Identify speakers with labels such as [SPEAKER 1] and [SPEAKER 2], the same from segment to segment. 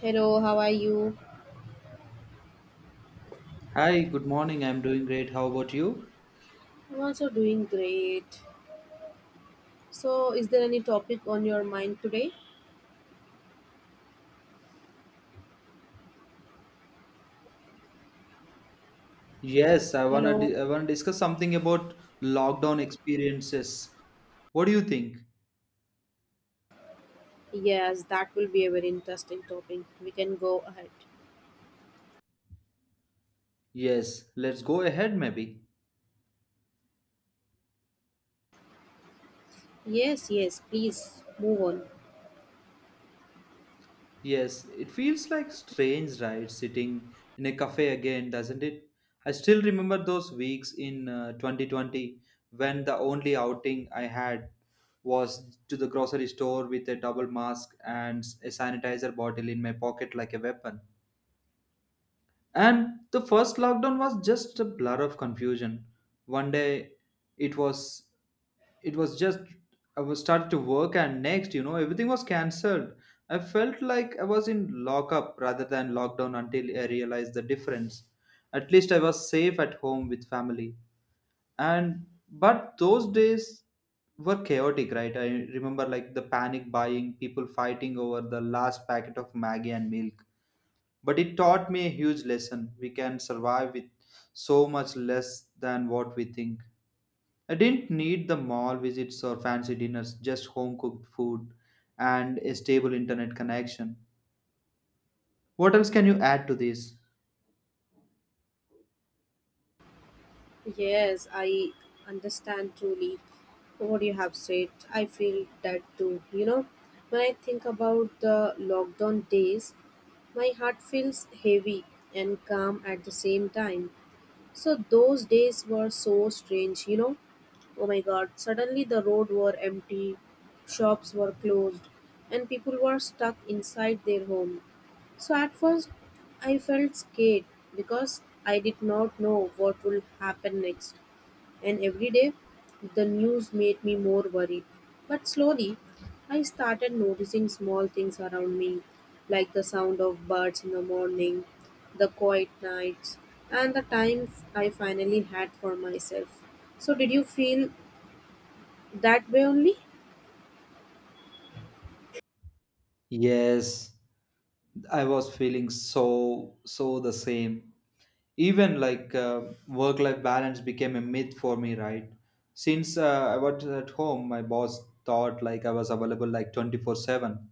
[SPEAKER 1] Hello, how are you?
[SPEAKER 2] Hi, good morning. I'm doing great. How about you?
[SPEAKER 1] I'm also doing great. So, is there any topic on your mind today?
[SPEAKER 2] Yes,
[SPEAKER 1] Hello.
[SPEAKER 2] I wanna discuss something about lockdown experiences. What do you think?
[SPEAKER 1] Yes, that will be a very interesting topic. We can go ahead.
[SPEAKER 2] Yes, let's go ahead maybe.
[SPEAKER 1] Yes, yes, please move on.
[SPEAKER 2] Yes, it feels like strange, right? Sitting in a cafe again, doesn't it? I still remember those weeks in 2020 when the only outing I had was to the grocery store with a double mask and a sanitizer bottle in my pocket like a weapon. And the first lockdown was just a blur of confusion. One day it was it was just I was started to work and next, everything was cancelled. I felt like I was in lockup rather than lockdown until I realized the difference. At least I was safe at home with family. And but those days were chaotic, right? I remember like the panic buying, people fighting over the last packet of Maggie and milk but it taught me a huge lesson. We can survive with so much less than what we think. I didn't need the mall visits or fancy dinners, just home cooked food and a stable internet connection. What else can you add to this?
[SPEAKER 1] Yes, I understand truly what you have said. I feel that too. When I think about the lockdown days, my heart feels heavy and calm at the same time. So those days were so strange, you know. Oh my god, suddenly the road were empty, shops were closed, and people were stuck inside their home. So at first I felt scared because I did not know what will happen next. And every day, the news made me more worried. But slowly, I started noticing small things around me, like the sound of birds in the morning, the quiet nights, and the time I finally had for myself. So, did you feel that way only?
[SPEAKER 2] Yes, I was feeling so the same. Even like work life balance became a myth for me, right? Since I was at home, my boss thought like I was available like 24/7.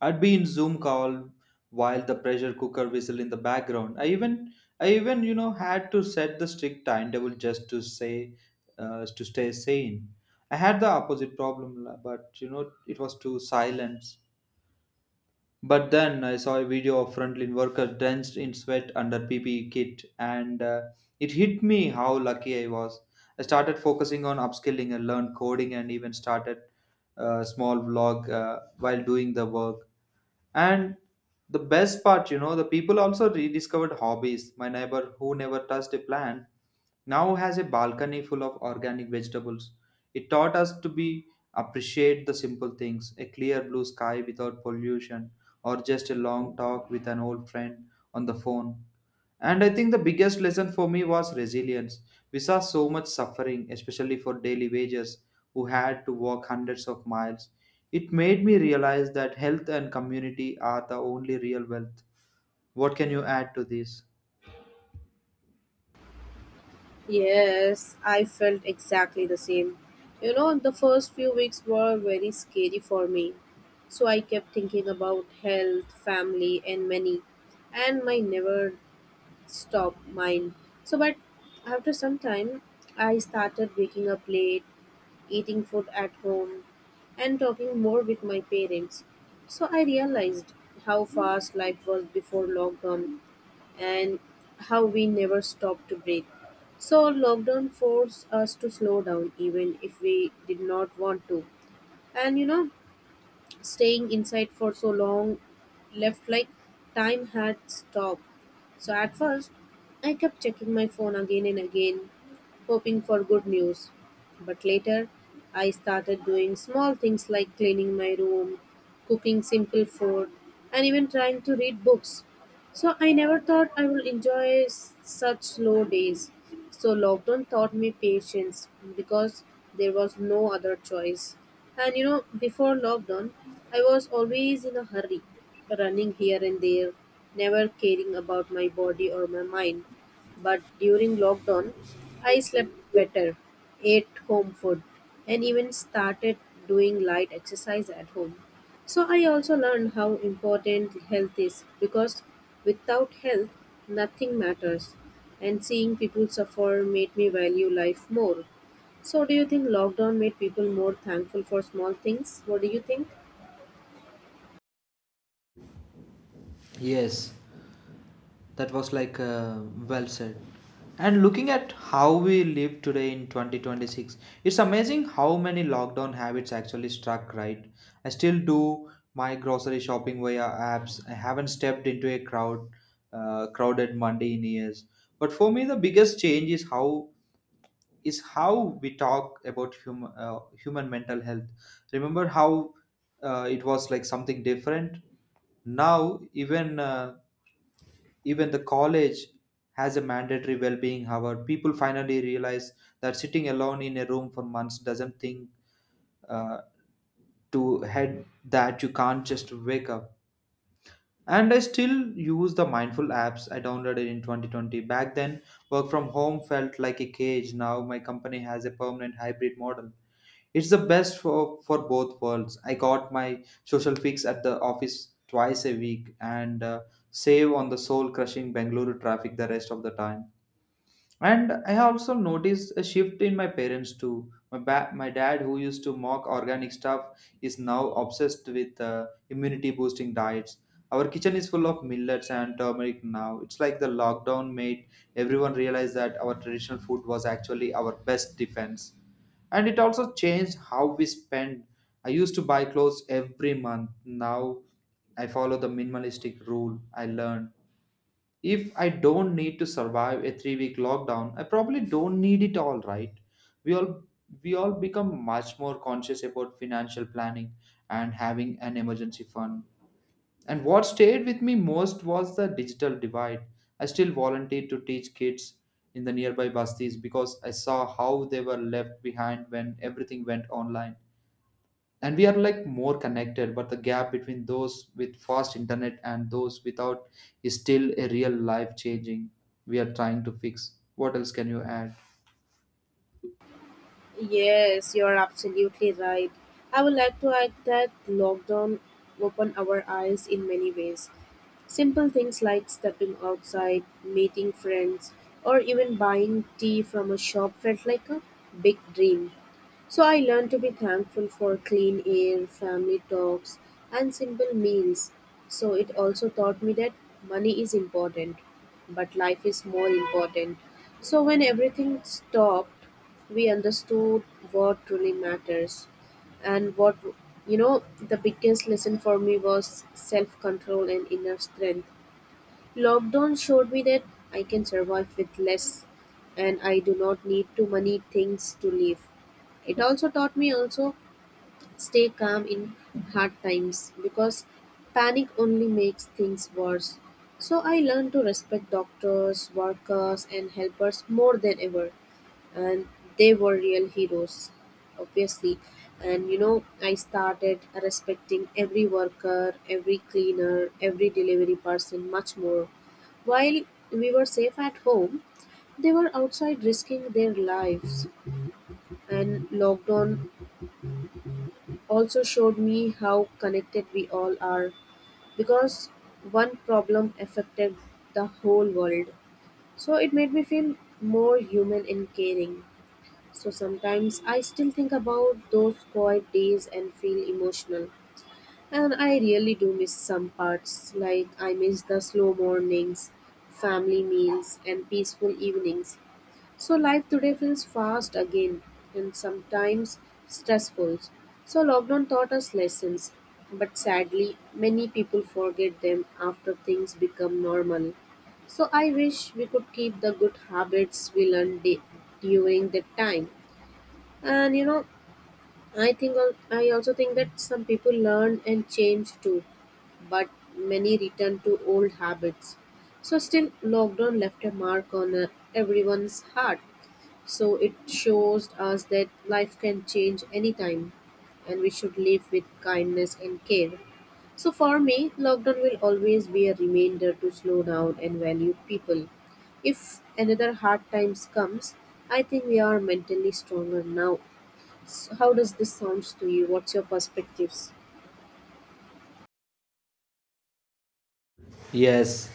[SPEAKER 2] I'd be in Zoom call while the pressure cooker whistle in the background. I even had to set the strict timetable just to say to stay sane. I had the opposite problem, but it was too silence. But then I saw a video of frontline worker drenched in sweat under PPE kit, and it hit me how lucky I was. I started focusing on upskilling and learned coding, and even started a small vlog while doing the work. And the best part, the people also rediscovered hobbies. My neighbor who never touched a plant now has a balcony full of organic vegetables. It taught us to be appreciate the simple things, a clear blue sky without pollution, or just a long talk with an old friend on the phone. And I think the biggest lesson for me was resilience. We saw so much suffering, especially for daily wages who had to walk hundreds of miles. It made me realize that health and community are the only real wealth. What can you add to this?
[SPEAKER 1] Yes, I felt exactly the same. The first few weeks were very scary for me. So I kept thinking about health, family, and money, and my never stop mine. So, but after some time, I started waking up late, eating food at home, and talking more with my parents. So, I realized how fast life was before lockdown and how we never stopped to breathe. So, lockdown forced us to slow down even if we did not want to. And staying inside for so long left like time had stopped. So at first, I kept checking my phone again and again, hoping for good news. But later, I started doing small things like cleaning my room, cooking simple food, and even trying to read books. So I never thought I would enjoy such slow days. So lockdown taught me patience because there was no other choice. And before lockdown, I was always in a hurry, running here and there, never caring about my body or my mind. But during lockdown, I slept better, ate home food, and even started doing light exercise at home. So I also learned how important health is because without health, nothing matters. And seeing people suffer made me value life more. So, do you think lockdown made people more thankful for small things? What do you think?
[SPEAKER 2] Yes, that was like well said. And looking at how we live today in 2026, it's amazing how many lockdown habits actually struck, right? I still do my grocery shopping via apps. I haven't stepped into a crowded Monday in years. But for me, the biggest change is how we talk about human mental health. Remember how it was like something different now even the college has a mandatory well-being hour. People finally realize that sitting alone in a room for months doesn't think uh, to head that you can't just wake up. And I still use the mindful apps I downloaded in 2020. Back then, work from home felt like a cage. Now my company has a permanent hybrid model. It's the best for both worlds. I got my social fix at the office twice a week and save on the soul crushing Bengaluru traffic the rest of the time. And I have also noticed a shift in my parents too. My dad, who used to mock organic stuff, is now obsessed with immunity boosting diets. Our kitchen is full of millets and turmeric now. It's like the lockdown made everyone realize that our traditional food was actually our best defense. And it also changed how we spend. I used to buy clothes every month. Now I follow the minimalistic rule I learned if I don't need to survive a 3 week lockdown, I probably don't need it all, right? We all we all become much more conscious about financial planning and having an emergency fund. And what stayed with me most was the digital divide. I still volunteered to teach kids in the nearby bastis because I saw how they were left behind when everything went online, and we are like more connected but the gap between those with fast internet and those without is still a real life changing. We are trying to fix. What else can you add?
[SPEAKER 1] Yes, you're absolutely right. I would like to add that lockdown opened our eyes in many ways. Simple things like stepping outside, meeting friends, or even buying tea from a shop felt like a big dream. So I learned to be thankful for clean air, family talks, and simple meals. So it also taught me that money is important, but life is more important. So when everything stopped, we understood what truly matters. And what the biggest lesson for me was self control and inner strength. Lockdown showed me that I can survive with less and I do not need too many things to live. It also taught me also stay calm in hard times because panic only makes things worse. So I learned to respect doctors, workers and helpers more than ever and they were real heroes obviously, and I started respecting every worker, every cleaner, every delivery person much more while we were safe at home. They were outside risking their lives, and lockdown also showed me how connected we all are because one problem affected the whole world. So it made me feel more human and caring. So sometimes I still think about those quiet days and feel emotional. And I really do miss some parts, like I miss the slow mornings, family meals, and peaceful evenings. So life today feels fast again and sometimes stressful. So lockdown taught us lessons, but sadly, many people forget them after things become normal. So I wish we could keep the good habits we learned during that time. And I think I also think that some people learn and change too, but many return to old habits. So still, lockdown left a mark on everyone's heart. So it shows us that life can change anytime, and we should live with kindness and care. So for me, lockdown will always be a reminder to slow down and value people. If another hard times comes, I think we are mentally stronger now. So how does this sounds to you? What's your perspectives?
[SPEAKER 2] Yes,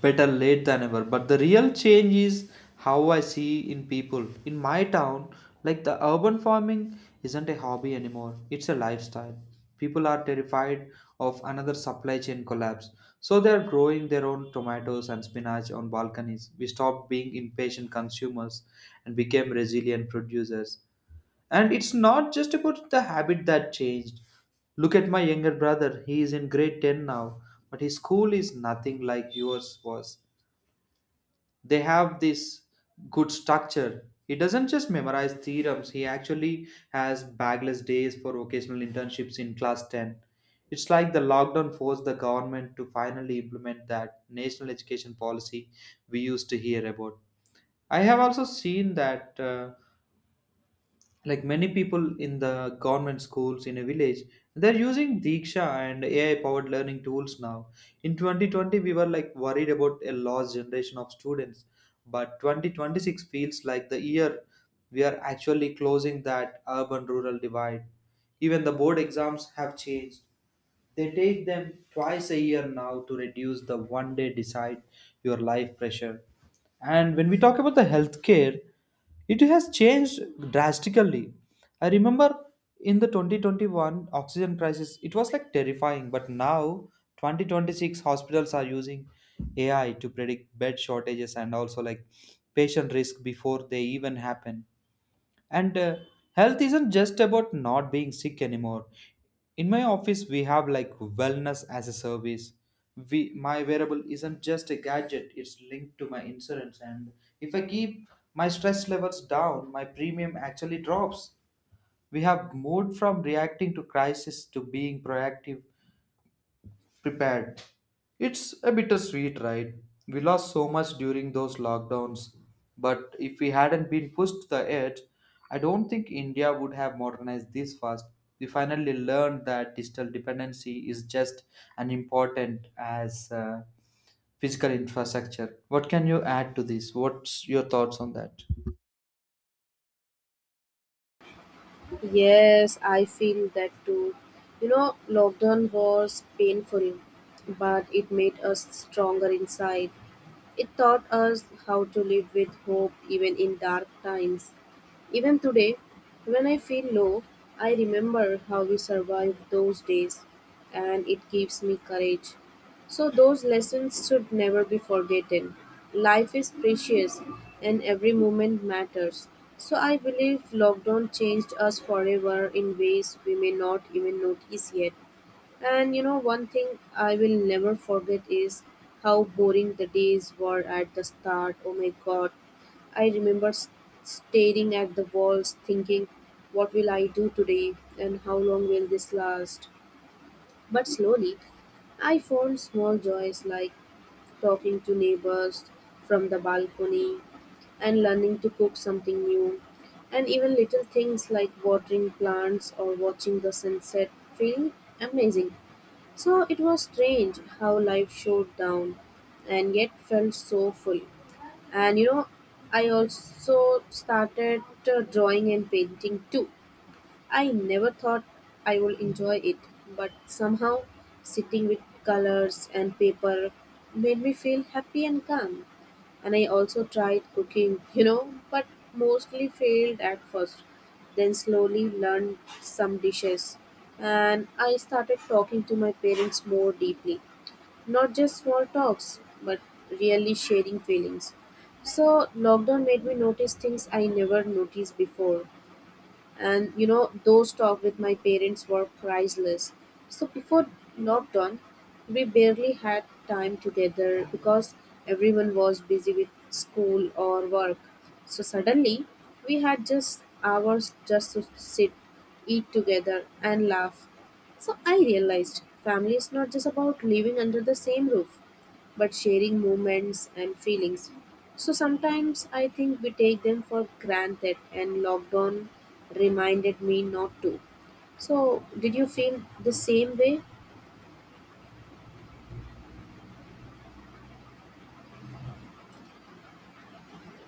[SPEAKER 2] better late than ever. But the real change is how I see in people. In my town, like the urban farming isn't a hobby anymore, it's a lifestyle. People are terrified of another supply chain collapse. So they are growing their own tomatoes and spinach on balconies. We stopped being impatient consumers and became resilient producers. And it's not just about the habit that changed. Look at my younger brother. He is in grade 10 now, but his school is nothing like yours was. They have this good structure. He doesn't just memorize theorems, he actually has bagless days for vocational internships in class 10. It's like the lockdown forced the government to finally implement that national education policy we used to hear about. I have also seen that. Like many people in the government schools in a village, they're using diksha and ai powered learning tools now. In 2020, we were like worried about a lost generation of students, but 2026 feels like the year we are actually closing that urban rural divide. Even the board exams have changed. They take them twice a year now to reduce the one day decide your life pressure. And when we talk about the healthcare, it has changed drastically. I remember in the 2021 oxygen crisis, it was like terrifying, but now 2026 hospitals are using AI to predict bed shortages and also like patient risk before they even happen. And health isn't just about not being sick anymore. In my office, we have like wellness as a service. We, my wearable isn't just a gadget, it's linked to my insurance. And if I keep my stress levels down, my premium actually drops. We have moved from reacting to crisis to being proactive prepared. It's a bittersweet, right? We lost so much during those lockdowns, but if we hadn't been pushed to the edge, I don't think India would have modernized this fast. We finally learned that digital dependency is just as important as physical infrastructure. What can you add to this? What's your thoughts on that?
[SPEAKER 1] Yes, I feel that too. Lockdown was painful, but it made us stronger inside. It taught us how to live with hope even in dark times. Even today, when I feel low, I remember how we survived those days and it gives me courage. So, those lessons should never be forgotten. Life is precious and every moment matters. So, I believe lockdown changed us forever in ways we may not even notice yet. And one thing I will never forget is how boring the days were at the start. Oh my god. I remember staring at the walls, thinking, what will I do today and how long will this last? But slowly, I found small joys like talking to neighbors from the balcony and learning to cook something new. And even little things like watering plants or watching the sunset feel amazing. So it was strange how life showed down and yet felt so full. And I also started drawing and painting too. I never thought I would enjoy it, but somehow sitting with colors and paper made me feel happy and calm. And I also tried cooking, you know, but mostly failed at first. Then slowly learned some dishes. And I started talking to my parents more deeply. Not just small talks, but really sharing feelings. So, lockdown made me notice things I never noticed before, and those talks with my parents were priceless. So before lockdown, we barely had time together because everyone was busy with school or work. So suddenly we had just hours just to sit, eat together and laugh. So I realized family is not just about living under the same roof, but sharing moments and feelings. So sometimes I think we take them for granted, and lockdown reminded me not to. So, did you feel the same way?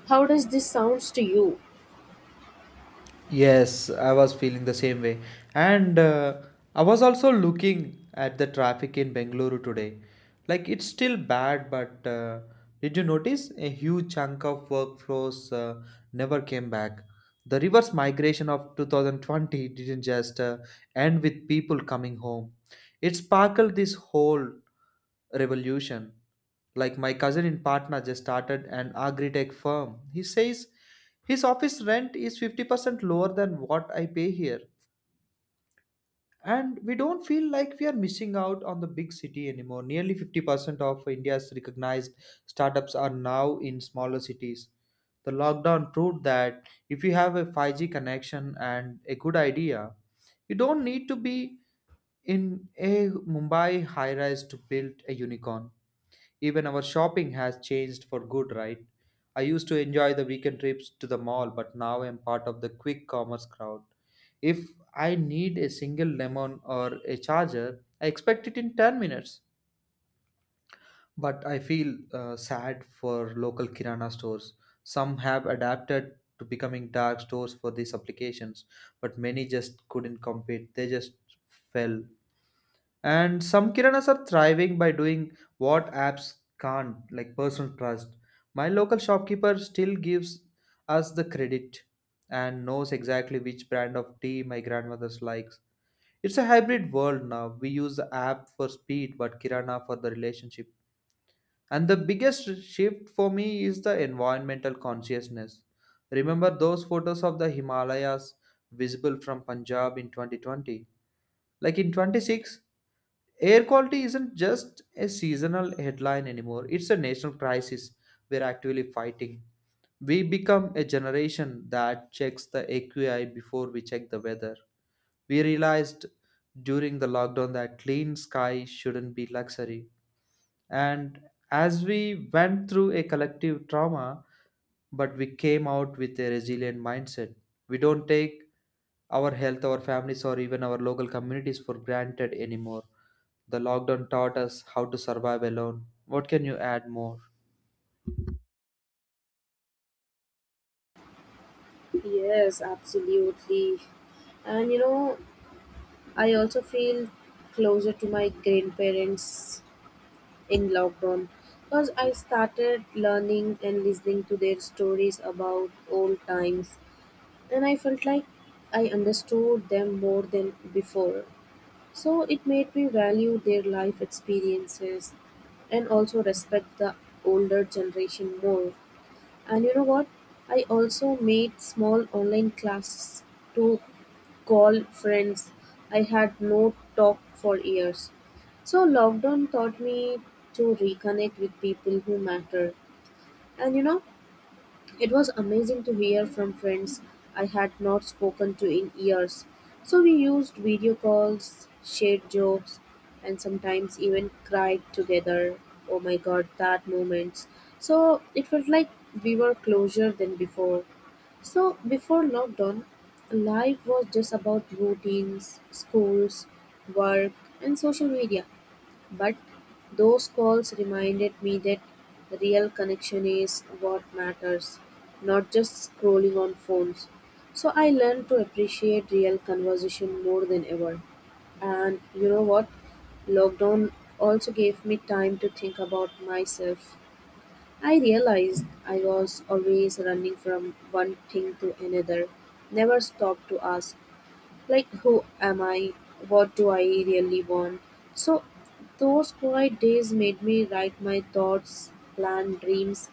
[SPEAKER 1] How does this sounds to you?
[SPEAKER 2] Yes, I was feeling the same way. And I was also looking at the traffic in Bengaluru today. Like it's still bad, but did you notice a huge chunk of workflows never came back? The reverse migration of 2020 didn't just end with people coming home. It sparkled this whole revolution. Like my cousin in Patna just started an agri-tech firm. He says his office rent is 50% lower than what I pay here. And we don't feel like we are missing out on the big city anymore. Nearly 50% of India's recognized startups are now in smaller cities. The lockdown proved that if you have a 5G connection and a good idea, you don't need to be in a Mumbai high rise to build a unicorn. Even our shopping has changed for good, right? I used to enjoy the weekend trips to the mall, but now I'm part of the quick commerce crowd. If I need a single lemon or a charger, I expect it in 10 minutes. But I feel sad for local Kirana stores. Some have adapted to becoming dark stores for these applications, but many just couldn't compete. They just fell, and some kiranas are thriving by doing what apps can't, like personal trust. My local shopkeeper still gives us the credit and knows exactly which brand of tea my grandmother's likes. It's a hybrid world now. We use the app for speed but kirana for the relationship. And the biggest shift for me is the environmental consciousness. Remember those photos of the himalayas visible from punjab in 2020? Like in 26, air quality isn't just a seasonal headline anymore, it's a national crisis we're actually fighting. We become a generation that checks the AQI before we check the weather. We realized during the lockdown that clean sky shouldn't be luxury, and as we went through a collective trauma, but we came out with a resilient mindset. We don't take our health, our families, or even our local communities for granted anymore. The lockdown taught us how to survive alone. What can you add more?
[SPEAKER 1] Yes, absolutely. And I also feel closer to my grandparents in lockdown because I started learning and listening to their stories about old times and I felt like I understood them more than before. So it made me value their life experiences and also respect the older generation more. And you know what? I also made small online classes to call friends I had no talk for years. So lockdown taught me to reconnect with people who matter. And it was amazing to hear from friends I had not spoken to in years. So we used video calls, shared jokes, and sometimes even cried together. Oh my god, that moments. So it felt like we were closer than before. So before lockdown, life was just about routines, schools, work, and social media. But those calls reminded me that the real connection is what matters, not just scrolling on phones. So I learned to appreciate real conversation more than ever. And you know what? Lockdown also gave me time to think about myself. I realized I was always running from one thing to another, never stopped to ask, like, who am I? What do I really want? So, those quiet days made me write my thoughts, plan dreams,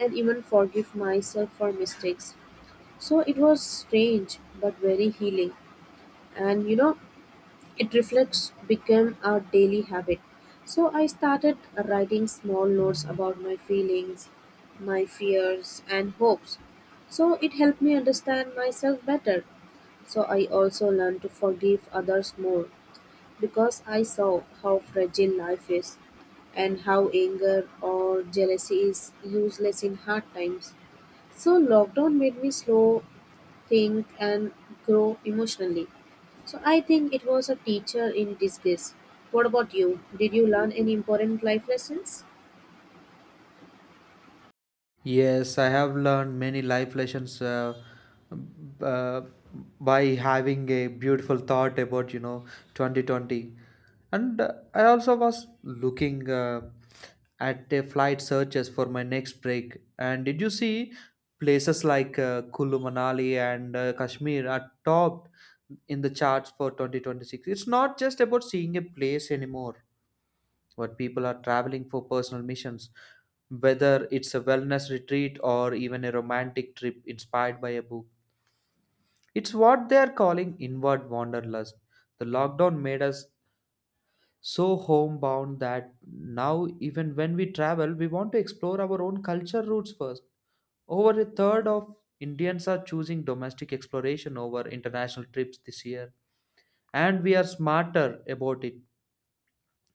[SPEAKER 1] and even forgive myself for mistakes. So, it was strange but very healing. And it reflects became a daily habit. So, I started writing small notes about my feelings, my fears, and hopes. So, it helped me understand myself better. So I also learned to forgive others more because I saw how fragile life is and how anger or jealousy is useless in hard times. So lockdown made me slow, think and grow emotionally. So I think it was a teacher in disguise. What about you? Did you learn any important life lessons?
[SPEAKER 2] Yes, I have learned many life lessons uh, by having a beautiful thought about, 2020. And I also was looking at the flight searches for my next break. And did you see places like Kulu Manali and Kashmir are topped in the charts for 2026? It's not just about seeing a place anymore. Where people are traveling for personal missions, whether it's a wellness retreat or even a romantic trip inspired by a book, it's what they are calling inward wanderlust. The lockdown made us so homebound that now even when we travel we want to explore our own culture roots first. Over a third of indians are choosing domestic exploration over international trips this year, and we are smarter about it,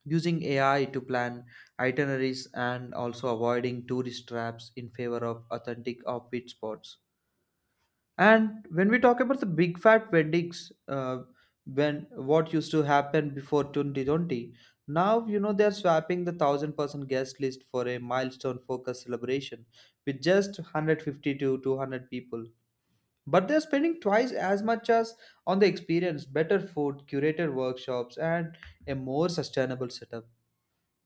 [SPEAKER 2] using AI to plan itineraries and also avoiding tourist traps in favor of authentic offbeat spots. And when we talk about the big fat weddings, when what used to happen before 2020, now they're swapping the thousand person guest list for a milestone focused celebration with just 150 to 200 people. But they're spending twice as much as on the experience, better food, curated workshops, and a more sustainable setup.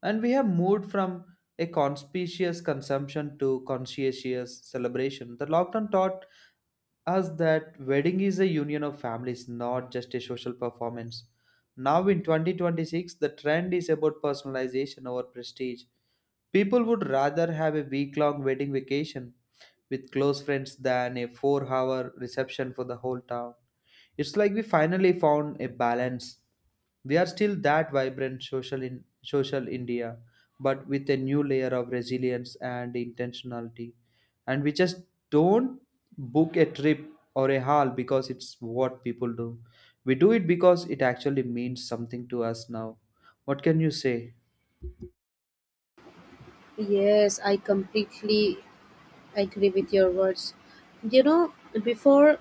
[SPEAKER 2] And we have moved from a conspicuous consumption to conscientious celebration. The lockdown taught us that wedding is a union of families, not just a social performance. Now in 2026, the trend is about personalization over prestige. People would rather have a week long wedding vacation with close friends than a 4 hour reception for the whole town. It's like we finally found a balance. We are still that vibrant social in social India, but with a new layer of resilience and intentionality. And we just don't book a trip or a hall because it's what people do. We do it because it actually means something to us now. What can you say?
[SPEAKER 1] Yes, I completely agree with your words. You know, before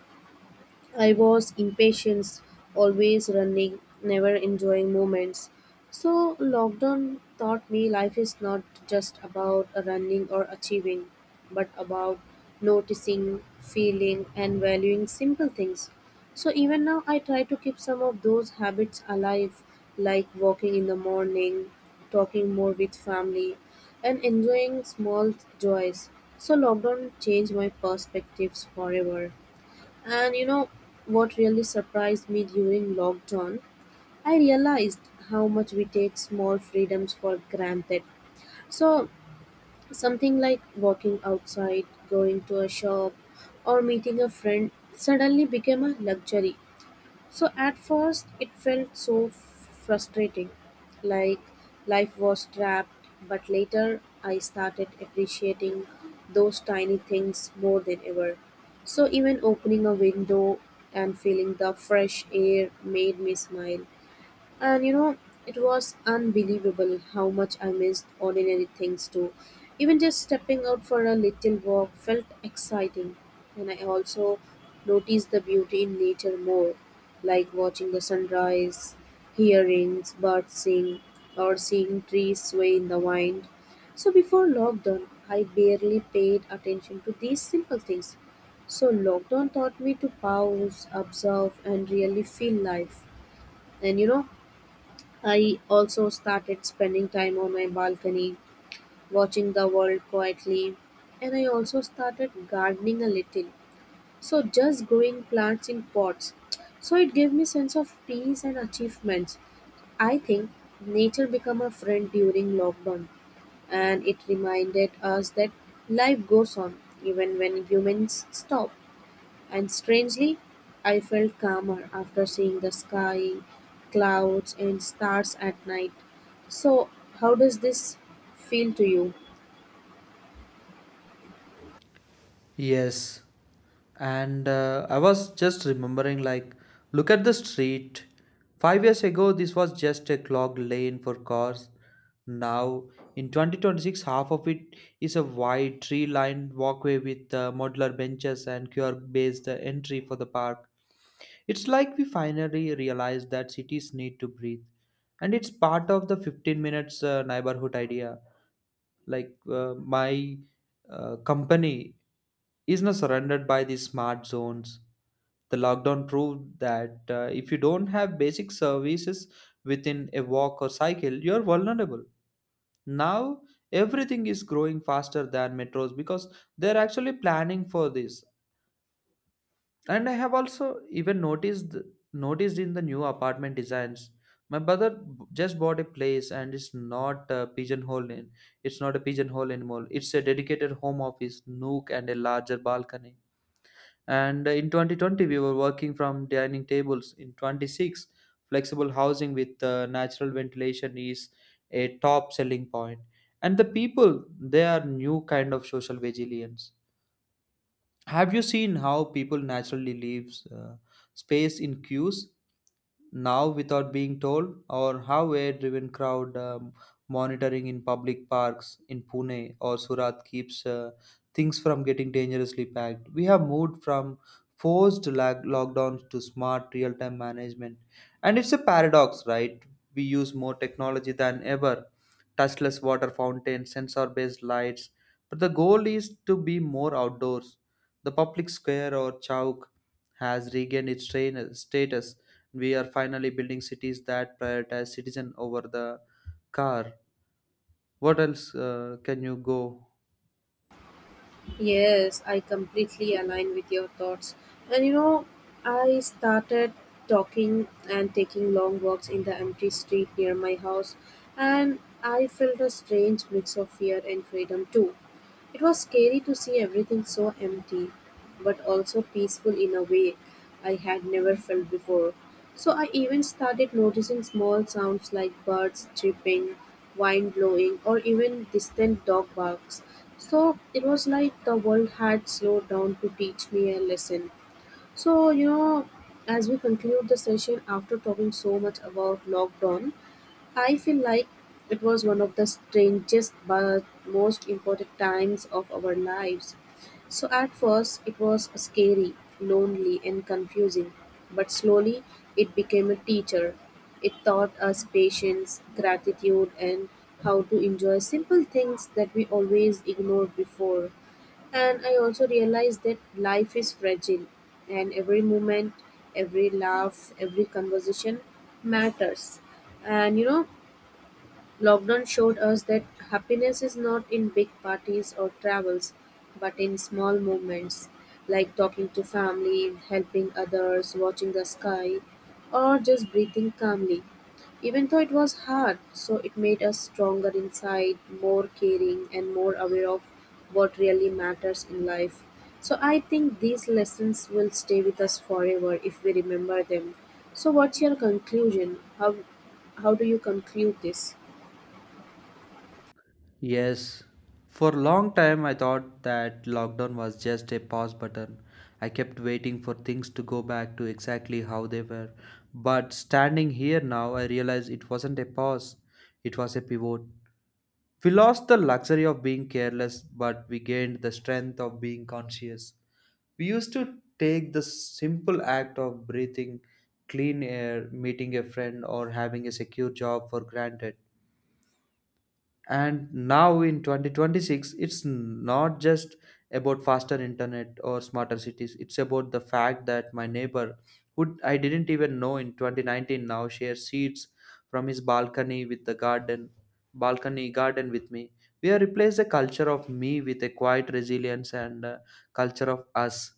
[SPEAKER 1] I was impatient, always running, never enjoying moments. So, lockdown taught me life is not just about running or achieving, but about noticing, feeling, and valuing simple things. So, even now, I try to keep some of those habits alive, like walking in the morning, talking more with family, and enjoying small joys. So, lockdown changed my perspectives forever. And you know what really surprised me during lockdown? I realized how much we take small freedoms for granted. So, something like walking outside, going to a shop, or meeting a friend suddenly became a luxury. So at first, it felt so frustrating, like life was trapped, but later I started appreciating those tiny things more than ever. So even opening a window and feeling the fresh air made me smile. And it was unbelievable how much I missed ordinary things too. Even just stepping out for a little walk felt exciting. And I also noticed the beauty in nature more, like watching the sunrise, hearing birds sing, or seeing trees sway in the wind. So before lockdown, I barely paid attention to these simple things. So lockdown taught me to pause, observe, and really feel life. And I also started spending time on my balcony, watching the world quietly, and I also started gardening a little. So just growing plants in pots. So it gave me sense of peace and achievements. I think nature became a friend during lockdown and it reminded us that life goes on even when humans stop. And strangely, I felt calmer after seeing the sky, clouds, and stars at night. So, how does this feel to you?
[SPEAKER 2] Yes, and I was just remembering, like, look at the street. 5 years ago, this was just a clogged lane for cars. Now, in 2026, half of it is a wide tree lined walkway with modular benches and QR based entry for the park. It's like we finally realized that cities need to breathe. And it's part of the 15 minutes neighborhood idea, like my company is not surrounded by these smart zones. The lockdown proved that if you don't have basic services within a walk or cycle, you're vulnerable. Now everything is growing faster than metros because they're actually planning for this. And I have also even noticed in the new apartment designs. My brother just bought a place, and it's not a pigeonhole. It's not a pigeonhole anymore. It's a dedicated home office, nook, and a larger balcony. And in 2020, we were working from dining tables. In 26, flexible housing with natural ventilation is a top selling point. And the people, they are new kind of social vegetarians. Have you seen how people naturally leave space in queues now without being told, or how a driven crowd monitoring in public parks in Pune or Surat keeps things from getting dangerously packed? We have moved from forced lockdowns to smart real time management, and it's a paradox, right? We use more technology than ever, touchless water fountains, sensor based lights, but the goal is to be more outdoors. The public square or chowk has regained its status. We are finally building cities that prioritize citizen over the car. What else can you go?
[SPEAKER 1] Yes, I completely align with your thoughts. And I started talking and taking long walks in the empty street near my house, and I felt a strange mix of fear and freedom too. It was scary to see everything so empty, but also peaceful in a way I had never felt before. So I even started noticing small sounds like birds chirping, wind blowing, or even distant dog barks. So it was like the world had slowed down to teach me a lesson. So, you know, as we conclude the session after talking so much about lockdown, I feel like it was one of the strangest but most important times of our lives. So, at first, it was scary, lonely, and confusing, but slowly it became a teacher. It taught us patience, gratitude, and how to enjoy simple things that we always ignored before. And I also realized that life is fragile, and every moment, every laugh, every conversation matters. And lockdown showed us that happiness is not in big parties or travels, but in small moments like talking to family, helping others, watching the sky, or just breathing calmly. Even though it was hard, so it made us stronger inside, more caring, and more aware of what really matters in life. So I think these lessons will stay with us forever if we remember them. So what's your conclusion? How do you conclude this?
[SPEAKER 2] Yes. For a long time, I thought that lockdown was just a pause button. I kept waiting for things to go back to exactly how they were. But standing here now, I realize it wasn't a pause, it was a pivot. We lost the luxury of being careless, but we gained the strength of being conscious. We used to take the simple act of breathing clean air, meeting a friend, or having a secure job for granted. And now in 2026 it's not just about faster internet or smarter cities, it's about the fact that my neighbor who I didn't even know in 2019 now shares seats from his balcony with the garden balcony garden with me. We have replaced the culture of me with a quiet resilience and culture of us.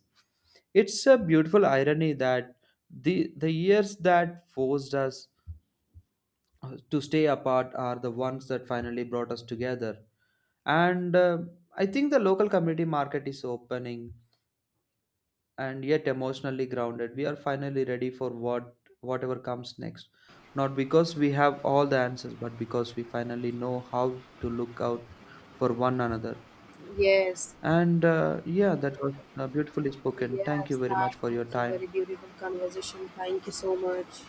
[SPEAKER 2] It's a beautiful irony that the years that forced us to stay apart are the ones that finally brought us together. And I think the local community market is opening and yet emotionally grounded, we are finally ready for whatever comes next, not because we have all the answers but because we finally know how to look out for one another.
[SPEAKER 1] Yes,
[SPEAKER 2] And yeah, that was beautifully spoken. Thank
[SPEAKER 1] yes,
[SPEAKER 2] you very
[SPEAKER 1] that
[SPEAKER 2] much for your
[SPEAKER 1] was a
[SPEAKER 2] time.
[SPEAKER 1] very beautiful conversation. Thank you so much.